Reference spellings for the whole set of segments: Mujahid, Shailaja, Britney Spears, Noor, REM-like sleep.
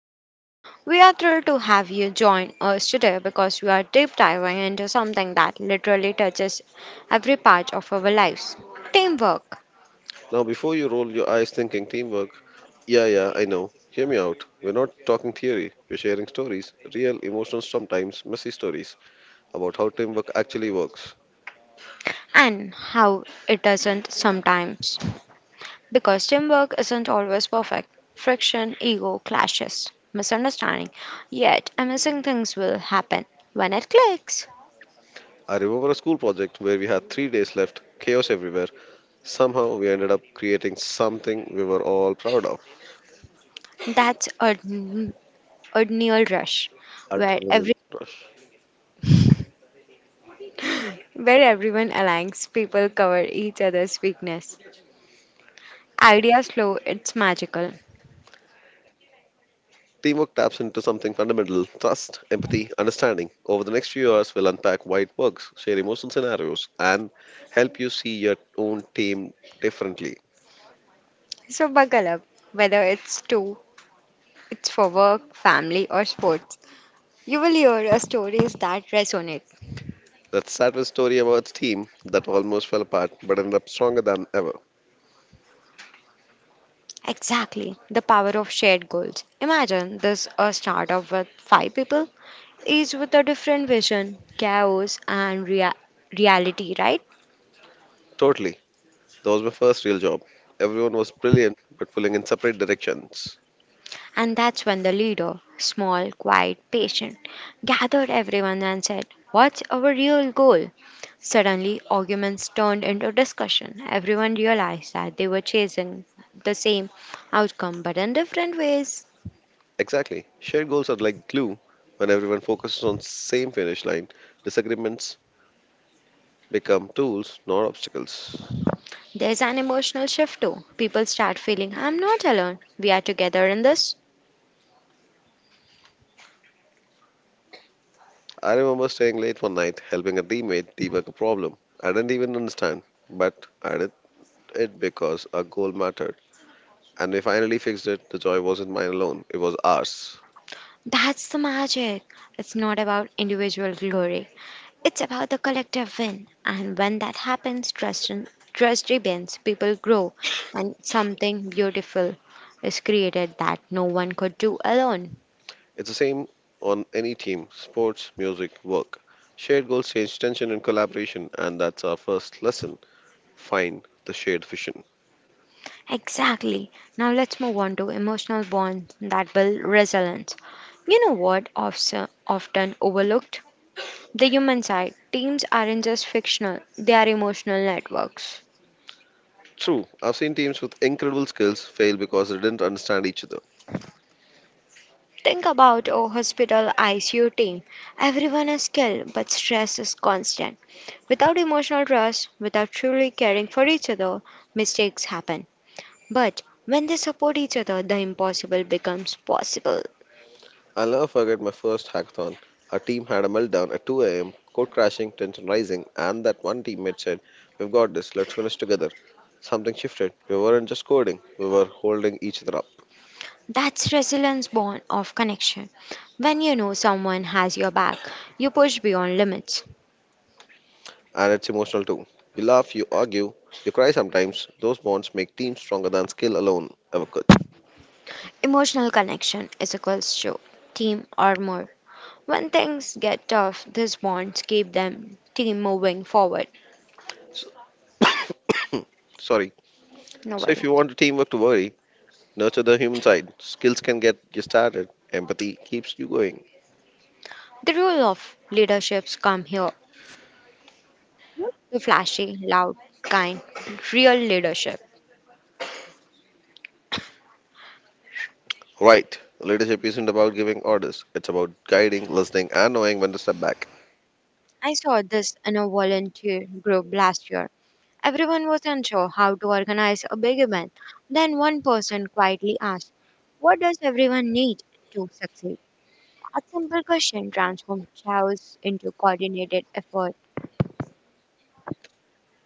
Shailaja. We are thrilled to have you join us today because we are deep diving into something that literally touches every part of our lives teamwork Now, before you roll your eyes thinking teamwork, yeah, yeah, I know. Hear me out. We're not talking theory. We're sharing stories, real, emotional, sometimes messy stories about how teamwork actually works. and how it doesn't sometimes. Because teamwork isn't always perfect, friction, ego, clashes, misunderstanding, yet amazing things will happen when it clicks. I remember a school project where we had 3 days left, chaos everywhere. Somehow, we ended up creating something we were all proud of. That's a Neil Rush, where Adrenaline rush. Everyone aligns, people cover each other's weakness. Ideas flow, it's magical. Teamwork taps into something fundamental: trust, empathy, understanding. Over the next few hours, we'll unpack why it works, share emotional scenarios, and help you see your own team differently. So buckle up, whether it's for work, family or sports. You will hear a stories that resonate. Let's start with a story about a team that almost fell apart but ended up stronger than ever. Exactly, the power of shared goals. Imagine this a startup with five people, each with a different vision, chaos and reality, right? Totally. That was my first real job. Everyone was brilliant but pulling in separate directions. And that's when the leader, small, quiet, patient, gathered everyone and said, what's our real goal? Suddenly, arguments turned into discussion. Everyone realized that they were chasing the same outcome but in different ways. Exactly. Shared goals are like glue. When everyone focuses on same finish line, disagreements become tools, not obstacles. There's an emotional shift too. People start feeling, I'm not alone. We are together in this. I remember staying late one night helping a teammate debug a problem. I didn't even understand, but I did it because our goal mattered. And we finally fixed it. The joy wasn't mine alone, it was ours. That's the magic. It's not about individual glory, it's about the collective win, and when that happens, trust rebuilds, people grow, and something beautiful is created that no one could do alone. It's the same on any team: sports, music, work. Shared goals change tension and collaboration, and that's our first lesson. Find the shared vision. Exactly. Now let's move on to emotional bonds that build resilience. You know what often overlooked? The human side. Teams aren't just fictional; they are emotional networks. True, I've seen teams with incredible skills fail because they didn't understand each other. Think about a hospital ICU team. Everyone is skilled, but stress is constant. Without emotional trust, without truly caring for each other, mistakes happen. But when they support each other, the impossible becomes possible. I'll never forget my first hackathon. Our team had a meltdown at 2 a.m., code crashing, tension rising, and that one teammate said, "We've got this, let's finish together." Something shifted. We weren't just coding, we were holding each other up. That's resilience born of connection. When you know someone has your back, you push beyond limits. And it's emotional too. You laugh, you argue, you cry sometimes. Those bonds make teams stronger than skill alone ever could. Emotional connection is equals to team or more. When things get tough, these bonds keep them team moving forward. So, sorry. No So if worries. you want a teamwork to worry, nurture the human side. Skills can get you started, empathy keeps you going. The rule of leaderships come here. The flashy, loud, kind, real leadership. Right. Leadership isn't about giving orders, it's about guiding, listening, and knowing when to step back. I saw this in a volunteer group last year. Everyone was unsure how to organize a big event. Then one person quietly asked, what does everyone need to succeed? A simple question transformed chaos into coordinated effort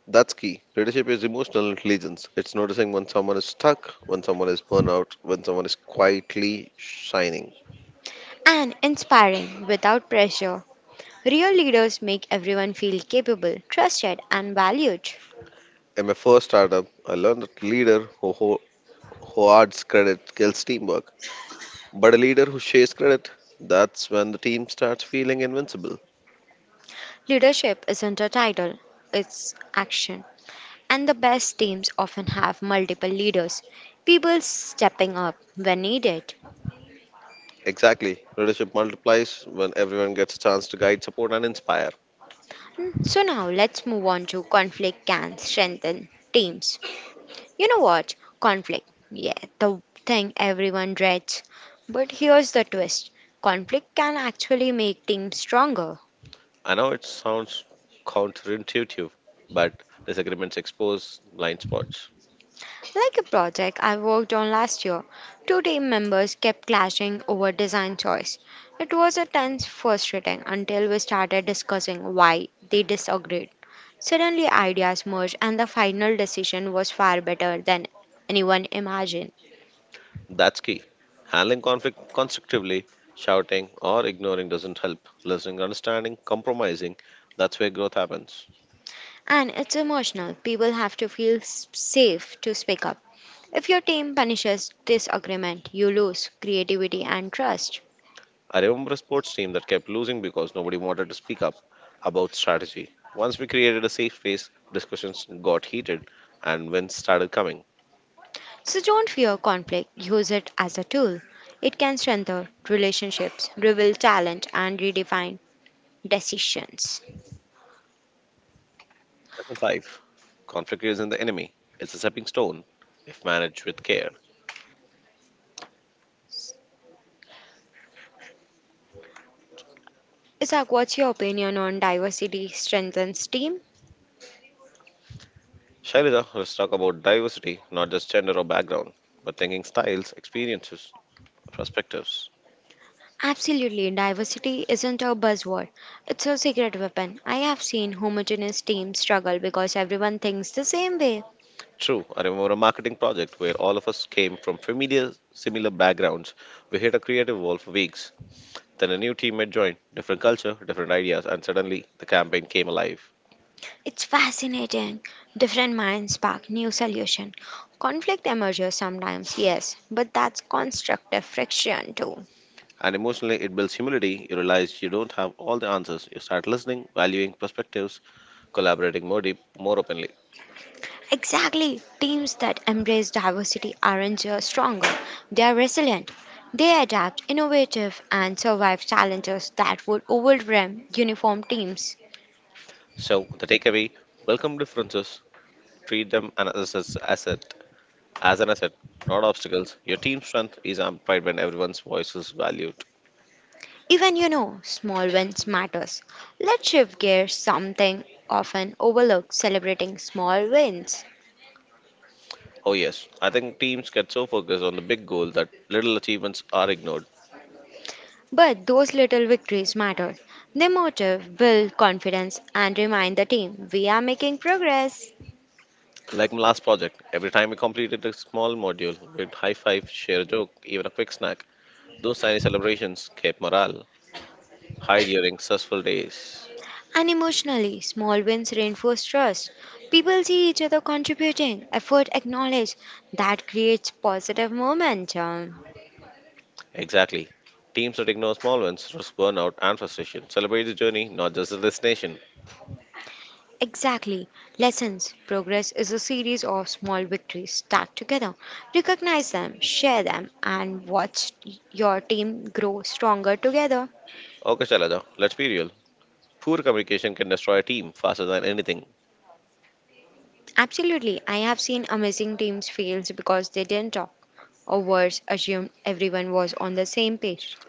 That's key. Leadership is emotional intelligence. It's noticing when someone is stuck, when someone is burnout, when someone is quietly shining. and inspiring without pressure. Real leaders make everyone feel capable, trusted, and valued. In my first startup, I learned that leader who adds credit kills teamwork. But a leader who shares credit, that's when the team starts feeling invincible. Leadership isn't a title, it's action. And the best teams often have multiple leaders, people stepping up when needed. Exactly. Leadership multiplies when everyone gets a chance to guide, support, and inspire. So now let's move on to conflict can strengthen teams. You know what? Conflict. Yeah, the thing everyone dreads. But here's the twist conflict can actually make teams stronger. I know it sounds counterintuitive, but disagreements expose blind spots. Like a project I worked on last year, two team members kept clashing over design choice. It was a tense frustrating until we started discussing why they disagreed. Suddenly ideas merged and the final decision was far better than anyone imagined. That's key. Handling conflict constructively, shouting or ignoring doesn't help. Listening, understanding, compromising, that's where growth happens. And it's emotional. People have to feel safe to speak up. If your team punishes disagreement, you lose creativity and trust. I remember a sports team that kept losing because nobody wanted to speak up about strategy. Once we created a safe space, discussions got heated and wins started coming. So don't fear conflict, use it as a tool. It can strengthen relationships, reveal talent, and redefine decisions. Lesson 5: Conflict isn't the enemy, it's a stepping stone if managed with care. Isaac, what's your opinion on diversity strengthens team? Shailija, let's talk about diversity, not just gender or background, but thinking styles, experiences, perspectives. Absolutely, diversity isn't a buzzword. It's a secret weapon. I have seen homogeneous teams struggle because everyone thinks the same way. True, I remember a marketing project where all of us came from familiar, similar backgrounds. We hit a creative wall for weeks. Then a new teammate joined, different culture, different ideas, and suddenly the campaign came alive. It's fascinating. Different minds spark new solution. Conflict emerges sometimes, yes, but that's constructive friction too. And emotionally, it builds humility. You realize you don't have all the answers. You start listening, valuing perspectives, collaborating more deep, more openly. Exactly. Teams that embrace diversity aren't just stronger, they are resilient. They adapt, innovative, and survive challenges that would overwhelm uniform teams. So, the takeaway: welcome differences, treat them as assets, As an asset, not obstacles, your team strength is amplified when everyone's voice is valued. Even you know, small wins matters. Let's shift gears something often overlooked celebrating small wins. Oh, yes, I think teams get so focused on the big goal that little achievements are ignored. But those little victories matter. They motivate, build confidence, and remind the team we are making progress. Like my last project, every time we completed a small module, we'd high five, share a joke, even a quick snack. Those tiny celebrations kept morale high during stressful days. And emotionally, small wins reinforce trust. People see each other contributing, effort acknowledged. That creates positive momentum. Exactly. Teams that ignore small wins risk burnout and frustration. Celebrate the journey, not just the destination. Exactly. Lessons. Progress is a series of small victories stacked together. Recognize them, share them, and watch your team grow stronger together. Okay, Shailaja, let's be real. Poor communication can destroy a team faster than anything. Absolutely. I have seen amazing teams fail because they didn't talk, or worse, assumed everyone was on the same page.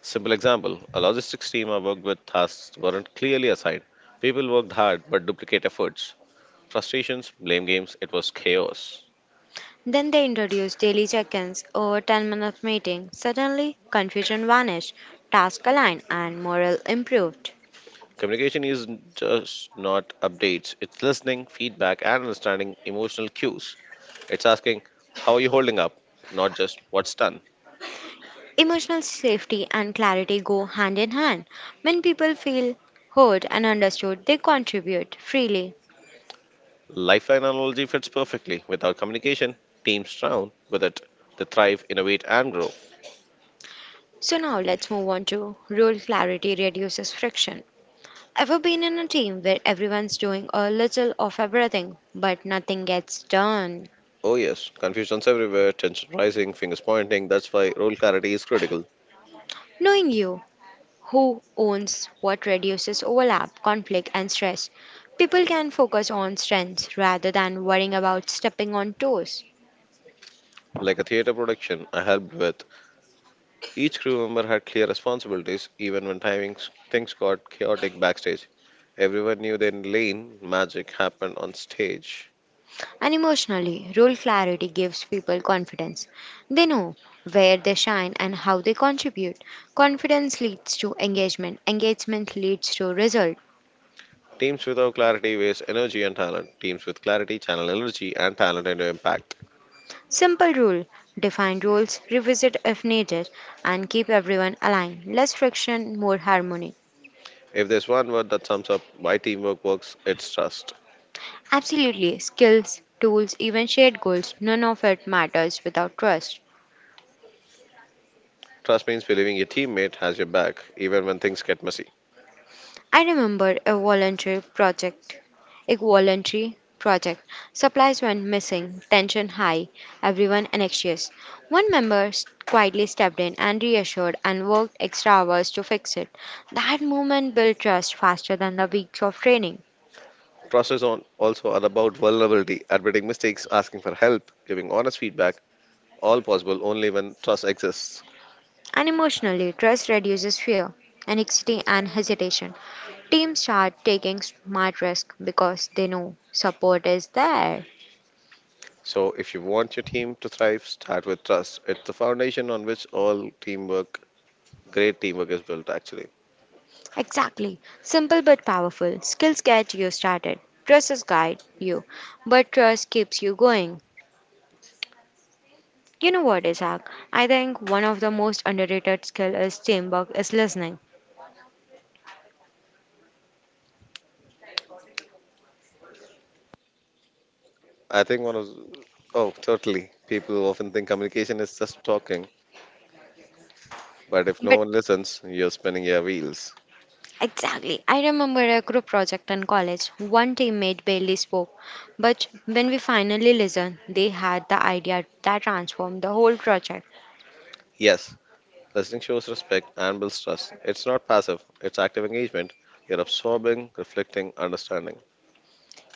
Simple example: a logistics team I worked with tasks weren't clearly assigned. People worked hard but duplicate efforts. Frustrations, blame games, it was chaos. Then they introduced daily check ins or 10-minute meeting. Suddenly, confusion vanished, tasks aligned, and morale improved. Communication is just not updates, it's listening, feedback, and understanding emotional cues. It's asking, "How are you holding up?" not just what's done. Emotional safety and clarity go hand in hand. When people feel heard and understood, they contribute freely. Lifeline analogy fits perfectly. Without communication, teams drown. With it, they thrive, innovate, and grow. So, now let's move on to rule clarity reduces friction. Ever been in a team where everyone's doing a little of everything, but nothing gets done? Oh, yes, confusion's everywhere, tension rising, fingers pointing. That's why role clarity is critical. Knowing you, who owns what reduces overlap, conflict, and stress. People can focus on strengths rather than worrying about stepping on toes. Like a theater production I helped with, each crew member had clear responsibilities even when timings things got chaotic backstage. Everyone knew their lane, magic happened on stage. And emotionally, role clarity gives people confidence. They know where they shine and how they contribute. Confidence leads to engagement, engagement leads to result. Teams without clarity waste energy and talent. Teams with clarity channel energy and talent into impact. Simple rule define roles, revisit if needed, and keep everyone aligned. Less friction, more harmony. If there's one word that sums up why teamwork works, it's trust. Absolutely. Skills, tools, even shared goals, none of it matters without trust. Trust means believing your teammate has your back even when things get messy. I remember a voluntary project. A voluntary project. Supplies went missing, tension high, everyone anxious. One member quietly stepped in and reassured and worked extra hours to fix it. That moment built trust faster than the weeks of training. Trust is on also all about vulnerability, admitting mistakes, asking for help, giving honest feedback, all possible only when trust exists. And emotionally, trust reduces fear, anxiety, and hesitation. Teams start taking smart risks because they know support is there. So, if you want your team to thrive, start with trust. It's the foundation on which all teamwork, great teamwork, is built, actually. Exactly. Simple but powerful. Skills get you started. Trust is guide you, but trust keeps you going. You know what, Isaac? I think one of the most underrated skill is teamwork is listening. I think one of, oh, totally. People often think communication is just talking, but if no But one listens, you're spinning your wheels. Exactly, I remember a group project in college. One teammate barely spoke, but when we finally listened, they had the idea that transformed the whole project. Yes, listening shows respect and builds trust. It's not passive, it's active engagement. You're absorbing, reflecting, understanding.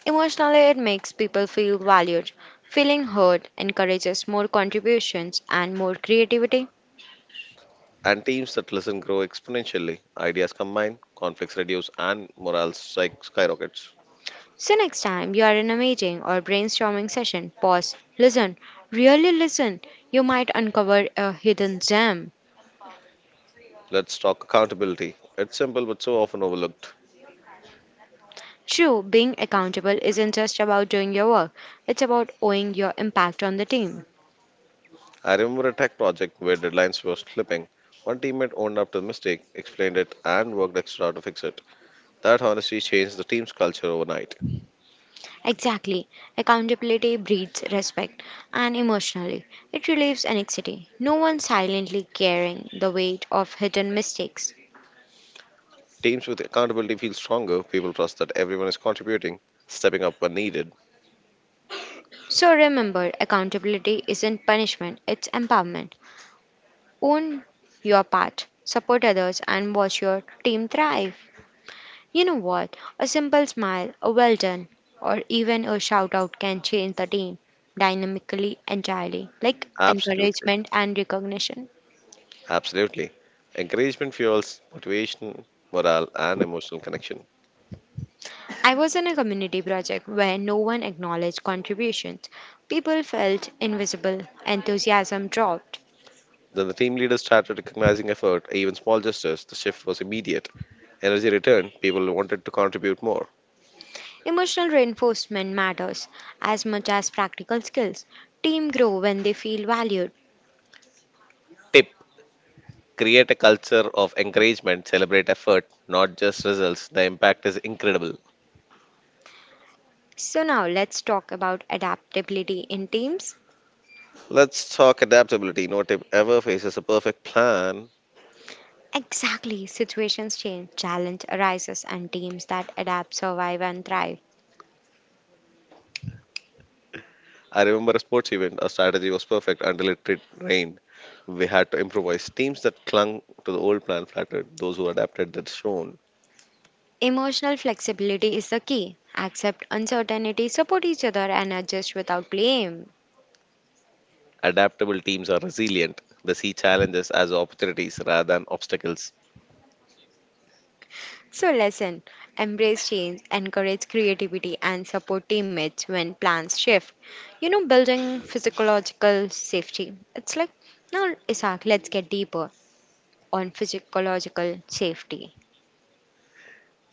Emotionally, it makes people feel valued. Feeling heard encourages more contributions and more creativity. And teams that listen grow exponentially. Ideas combine, conflicts reduce, and morale skyrockets. So, next time you are in a meeting or brainstorming session, pause, listen, really listen. You might uncover a hidden gem. Let's talk accountability. It's simple but so often overlooked. True, being accountable isn't just about doing your work, it's about owing your impact on the team. I remember a tech project where deadlines were slipping. One teammate owned up to the mistake, explained it, and worked extra to fix it. That honesty changed the team's culture overnight. Exactly, accountability breeds respect, and emotionally, it relieves anxiety. No one silently carrying the weight of hidden mistakes. Teams with accountability feel stronger, people trust that everyone is contributing, stepping up when needed. So remember, accountability isn't punishment, it's empowerment. Own your part, support others, and watch your team thrive. You know what? A simple smile, a well done, or even a shout out can change the team dynamically entirely, like Absolutely. encouragement and recognition. Absolutely. Encouragement fuels motivation, morale, and emotional connection. I was in a community project where no one acknowledged contributions. People felt invisible, enthusiasm dropped. Then the team leaders started recognizing effort, even small gestures. The shift was immediate. Energy returned, people wanted to contribute more. Emotional reinforcement matters as much as practical skills. Teams grow when they feel valued. Tip: Create a culture of encouragement, celebrate effort, not just results. The impact is incredible. So now let's talk about adaptability in teams. Let's talk adaptability. No team ever faces a perfect plan. Exactly, situations change, challenge arises, and teams that adapt survive and thrive. I remember a sports event, our strategy was perfect until it rained. We had to improvise. Teams that clung to the old plan flattered, those who adapted that shone. Emotional flexibility is the key. Accept uncertainty, support each other, and adjust without blame. Adaptable teams are resilient. They see challenges as opportunities rather than obstacles. So, lesson embrace change, encourage creativity, and support teammates when plans shift. You know, building physiological safety. It's like, now, Isaac, let's get deeper on physiological safety.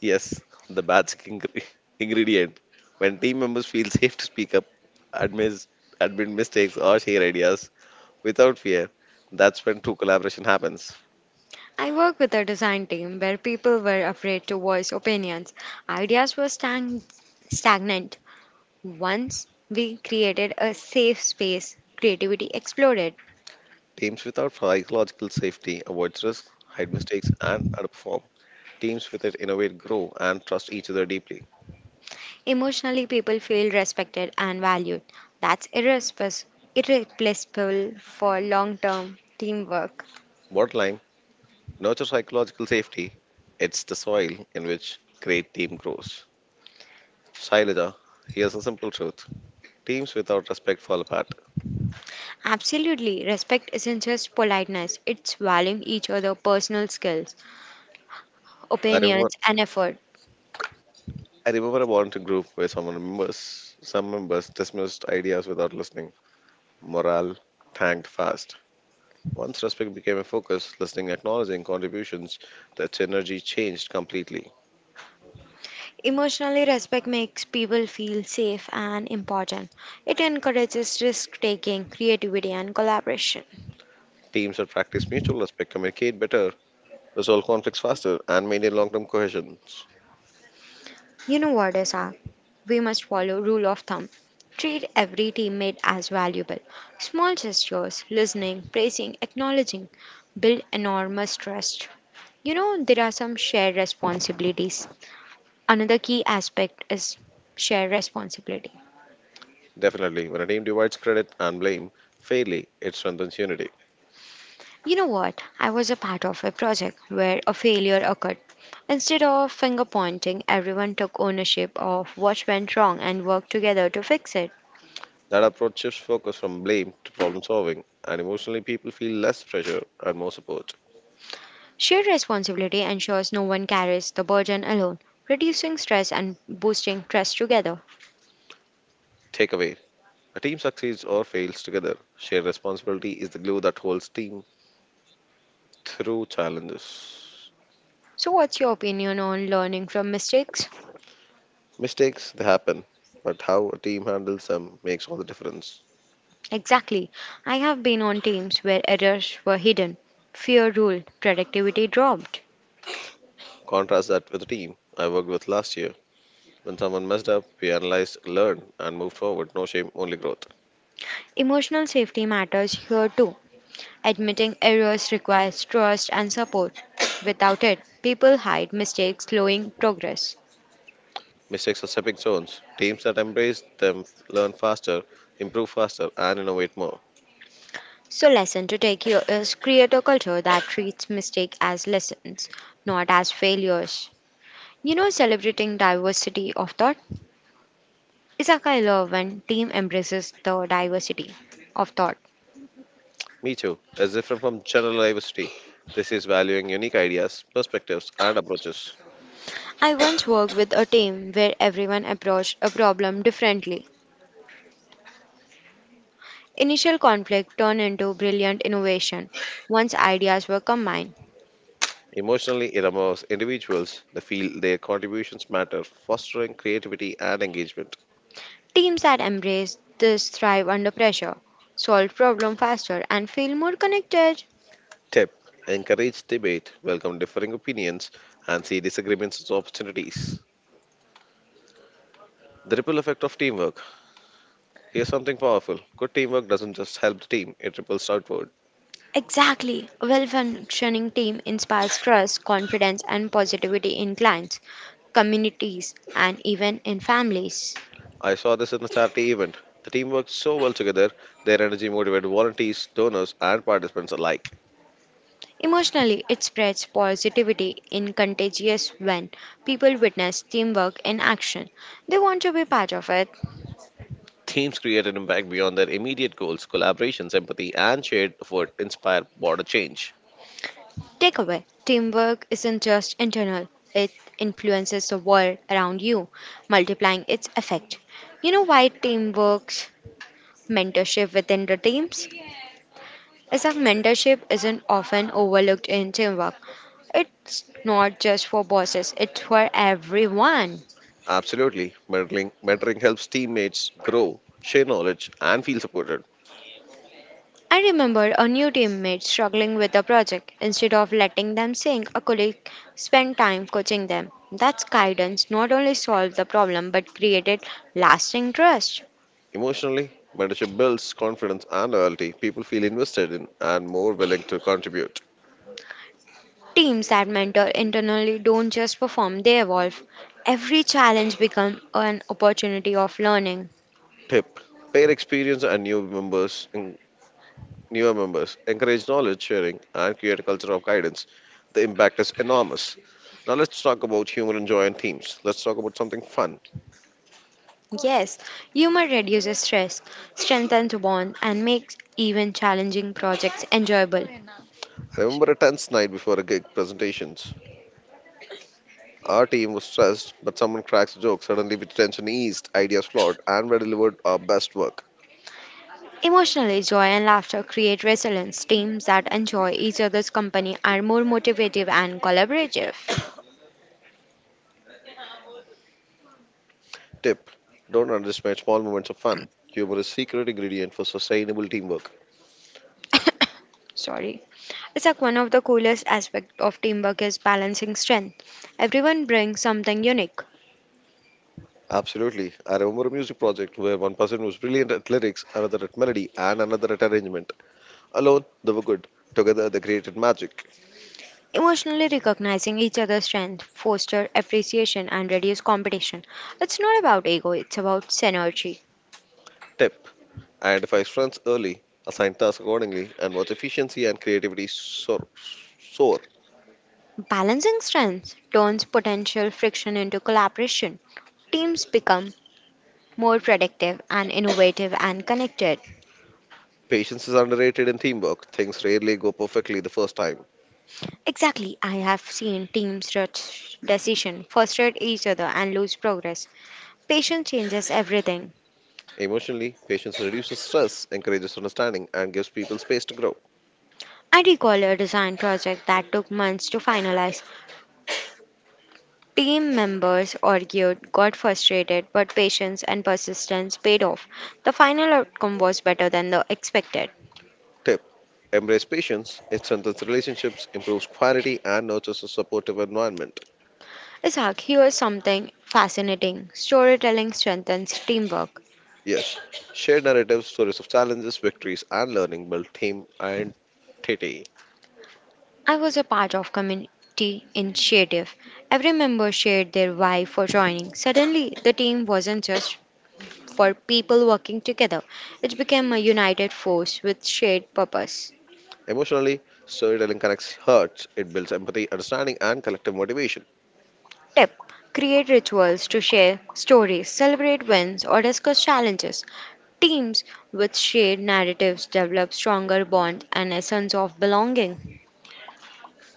Yes, the magic ingredient. When team members feel safe to speak up, admit, admit mistakes, or share ideas without fear, that's when true collaboration happens. I work with a design team where people were afraid to voice opinions, ideas were stagnant. Once we created a safe space, creativity exploded. Teams without psychological safety avoid risk, hide mistakes, and underperform. Teams with it innovate, grow, and trust each other deeply. Emotionally, people feel respected and valued. That's irreplaceable for long term teamwork. Bottom line: nurture psychological safety. It's the soil in which great team grows. Shailaja, here's a simple truth: teams without respect fall apart. Absolutely, respect isn't just politeness, it's valuing each other's personal skills, I opinions, remember and effort. I remember a volunteer group where some members dismissed ideas without listening. Morale tanked fast. Once respect became a focus, listening, acknowledging contributions, the energy changed completely. Emotionally, respect makes people feel safe and important. It encourages risk taking, creativity, and collaboration. Teams that practice mutual respect communicate better, resolve conflicts faster, and maintain long term cohesion. You know what, Asa? We must follow rule of thumb. Treat every teammate as valuable. Small gestures, listening, praising, acknowledging build enormous trust. You know, there are some shared responsibilities. Another key aspect is shared responsibility. Definitely, when a team divides credit and blame fairly, it strengthens unity. You know what? I was a part of a project where a failure occurred. Instead of finger pointing, everyone took ownership of what went wrong and worked together to fix it. That approach shifts focus from blame to problem solving, and emotionally, people feel less pressure and more support. Shared responsibility ensures no one carries the burden alone, reducing stress and boosting trust together. Takeaways: a team succeeds or fails together. Shared responsibility is the glue that holds team through challenges. So, what's your opinion on learning from mistakes? Mistakes they happen, but how a team handles them makes all the difference. Exactly. I have been on teams where errors were hidden, fear ruled, productivity dropped. Contrast that with a team I worked with last year. When someone messed up, we analyzed, learned, and moved forward. No shame, only growth. Emotional safety matters here too. Admitting errors requires trust and support. Without it, people hide mistakes, slowing progress. Mistakes are stepping stones. Teams that embrace them learn faster, improve faster, and innovate more. So, lesson to take here is create a culture that treats mistake as lessons, not as failures. You know, celebrating diversity of thought is a kind of when team embraces the diversity of thought. Me too is different from general diversity. This is valuing unique ideas, perspectives, and approaches. I once worked with a team where everyone approached a problem differently. Initial conflict turned into brilliant innovation once ideas were combined. Emotionally, it allows individuals to feel their contributions matter, fostering creativity and engagement. Teams that embrace this thrive under pressure, solve problems faster, and feel more connected. Tip: Encourage debate, welcome differing opinions, and see disagreements as opportunities. The ripple effect of teamwork. Here's something powerful: good teamwork doesn't just help the team, it ripples outward. Exactly. A well functioning team inspires trust, confidence, and positivity in clients, communities, and even in families. I saw this in a charity event. The team worked so well together, their energy motivated volunteers, donors, and participants alike. Emotionally, it spreads positivity in contagious when people witness teamwork in action. They want to be part of it. Teams create an impact beyond their immediate goals, collaborations, empathy, and shared effort inspire broader change. Takeaway Teamwork isn't just internal, it influences the world around you, multiplying its effect. You know why teamwork, mentorship within the teams? Is that mentorship isn't often overlooked in teamwork. It's not just for bosses, it's for everyone. Absolutely. Mentoring helps teammates grow, share knowledge, and feel supported. I remember a new teammate struggling with a project. Instead of letting them sink, a colleague spent time coaching them. That guidance not only solved the problem but created lasting trust. Emotionally, mentorship builds confidence and loyalty. People feel invested in and more willing to contribute. Teams that mentor internally don't just perform, they evolve. Every challenge becomes an opportunity of learning. Tip: Pair experience and newer members, encourage knowledge sharing, and create a culture of guidance. The impact is enormous. Now let's talk about humor and joy in teams. Let's talk about something fun. Yes, humor reduces stress, strengthens bond, and makes even challenging projects enjoyable. I remember a tense night before a gig presentation. Our team was stressed, but someone cracks a joke. Suddenly, with tension eased, ideas flowed, and we delivered our best work. Emotionally, joy and laughter create resilience. Teams that enjoy each other's company are more motivative and collaborative. Tip: Don't underestimate small moments of fun. Humor is secret ingredient for sustainable teamwork. Sorry. It's like one of the coolest aspects of teamwork is balancing strength. Everyone brings something unique. Absolutely. I remember a music project where one person was brilliant at lyrics, another at melody, and another at arrangement. Alone, they were good. Together, they created magic. Emotionally recognizing each other's strength foster appreciation and reduce competition. It's not about ego, it's about synergy. Tip: Identify strengths early, assign tasks accordingly, and watch efficiency and creativity soar. Balancing strengths turns potential friction into collaboration. Teams become more productive and innovative and connected. Patience is underrated in teamwork. Things rarely go perfectly the first time. Exactly, I have seen teams rush decision, frustrate each other, and lose progress. Patience changes everything. Emotionally, patience reduces stress, encourages understanding, and gives people space to grow. I recall a design project that took months to finalize. Team members argued, got frustrated, but patience and persistence paid off. The final outcome was better than the expected. Tip: Embrace patience, it strengthens relationships, improves quality, and nurtures a supportive environment. Isaac, here's something fascinating. Storytelling strengthens teamwork. Yes, share narratives, stories of challenges, victories, and learning build team identity. I was a part of community initiative. Every member shared their why for joining. Suddenly, the team wasn't just for people working together. It became a united force with shared purpose. Emotionally, storytelling connects hearts, it builds empathy, understanding, and collective motivation. Tip: create rituals to share stories, celebrate wins, or discuss challenges. Teams with shared narratives develop stronger bonds and a sense of belonging.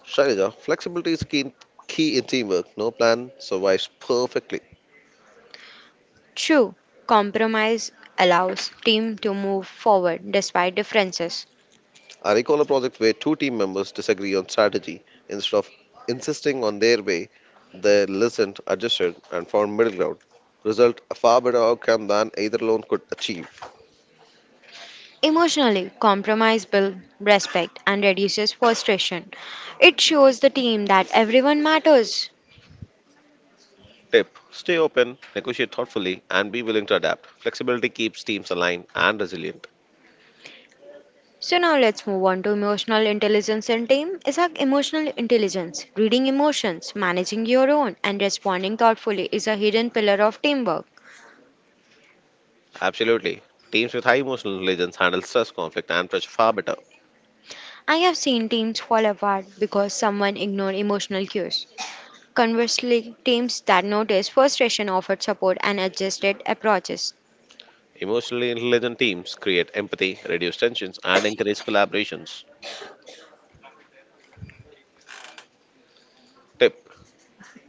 Shailaja, flexibility is key in teamwork. No plan survives perfectly. True, compromise allows team to move forward despite differences. I recall a project where two team members disagree on strategy. Instead of insisting on their way, they listened, adjusted, and found middle ground. Result: a far better outcome than either alone could achieve. Emotionally, compromise builds respect and reduces frustration. It shows the team that everyone matters. Tip: Stay open, negotiate thoughtfully, and be willing to adapt. Flexibility keeps teams aligned and resilient. So now let's move on to emotional intelligence and team. Is like emotional intelligence, reading emotions, managing your own, and responding thoughtfully is a hidden pillar of teamwork. Absolutely. Teams with high emotional intelligence handle stress, conflict, and pressure far better. I have seen teams fall apart because someone ignored emotional cues. Conversely, teams that noticed frustration offered support and adjusted approaches. Emotionally intelligent teams create empathy, reduce tensions, and encourage collaborations. Tip: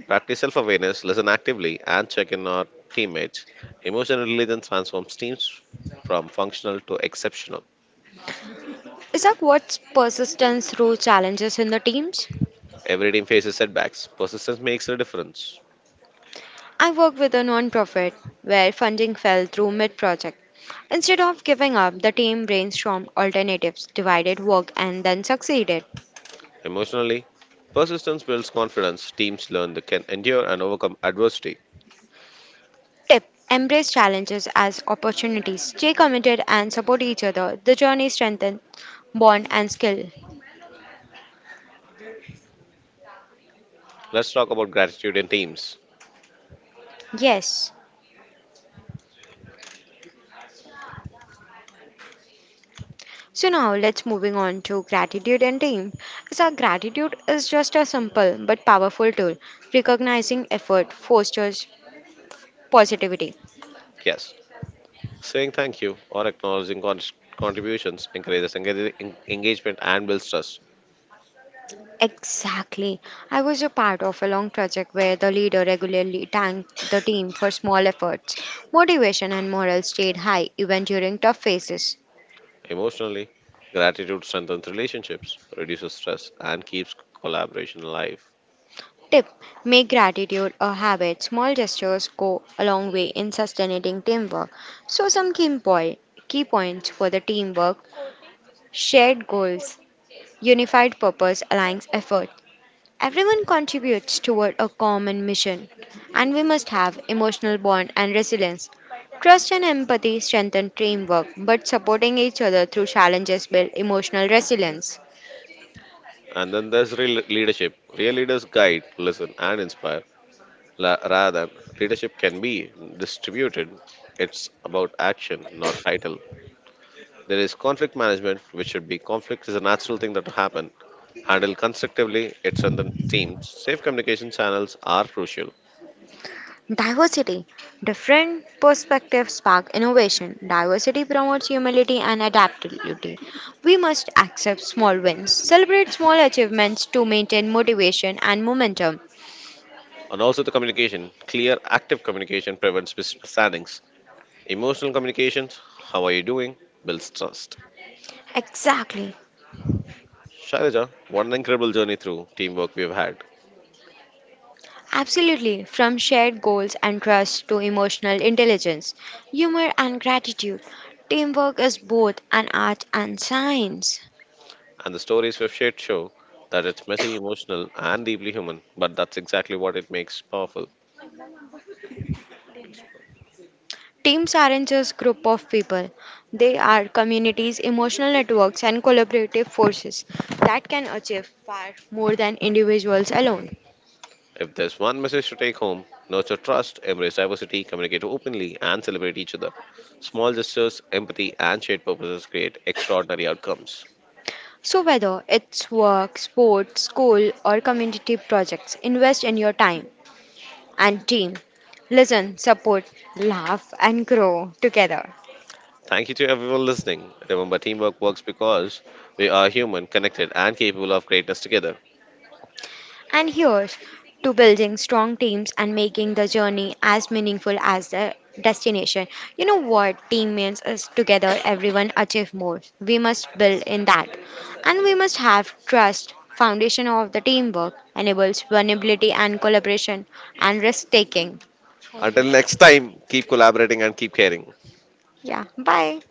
Practice self awareness, listen actively, and check in on teammates. Emotional intelligence transforms teams from functional to exceptional. Isaac, what's persistence through challenges in the teams? Every team faces setbacks. Persistence makes a difference. I work with a non-profit where funding fell through mid-project. Instead of giving up, the team brainstormed alternatives, divided work, and then succeeded. Emotionally, persistence builds confidence. Teams learn they can endure and overcome adversity. Tip: embrace challenges as opportunities. Stay committed and support each other. The journey strengthens bond and skill. Let's talk about gratitude in teams. Yes. So now let's moving on to gratitude and team. So our gratitude is just a simple but powerful tool. Recognizing effort fosters positivity. Yes, saying thank you or acknowledging contributions encourages engagement and builds trust. Exactly. I was a part of a long project where the leader regularly thanked the team for small efforts. Motivation and morale stayed high even during tough phases. Emotionally, gratitude strengthens relationships, reduces stress, and keeps collaboration alive. Tip: make gratitude a habit. Small gestures go a long way in sustaining teamwork. So, some key, point, key points for the teamwork. Shared goals, unified purpose aligns effort. Everyone contributes toward a common mission, and we must have emotional bond and resilience. Trust and empathy strengthen teamwork, but supporting each other through challenges build emotional resilience. And then there's real leadership. Real leaders guide, listen, and inspire. Rather, leadership can be distributed. It's about action, not title. There is conflict management, which should be conflict is a natural thing that will happen. Handled constructively, it strengthens teams. Safe communication channels are crucial. Diversity. Different perspectives spark innovation. Diversity promotes humility and adaptability. We must accept small wins, celebrate small achievements to maintain motivation and momentum. And also the communication. Clear, active communication prevents misunderstandings. Emotional communications, "how are you doing," builds trust. Exactly. Shailaja, what an incredible journey through teamwork we've had. Absolutely, from shared goals and trust to emotional intelligence, humor and gratitude, teamwork is both an art and science. And the stories we've shared show that it's messy, emotional, and deeply human, but that's exactly what it makes powerful. Teams aren't just group of people. They are communities, emotional networks and collaborative forces that can achieve far more than individuals alone. If there's one message to take home: nurture trust, embrace diversity, communicate openly, and celebrate each other. Small gestures, empathy, and shared purposes create extraordinary outcomes. So whether it's work, sports, school or community projects, invest in your time and team. Listen, support, laugh and grow together. Thank you to everyone listening. Remember, teamwork works because we are human, connected, and capable of greatness together. And here's to building strong teams and making the journey as meaningful as the destination. You know what team means is together everyone achieve more. We must build in that. And we must have trust. Foundation of the teamwork enables vulnerability and collaboration and risk taking. Until next time, keep collaborating and keep caring. Yeah, bye.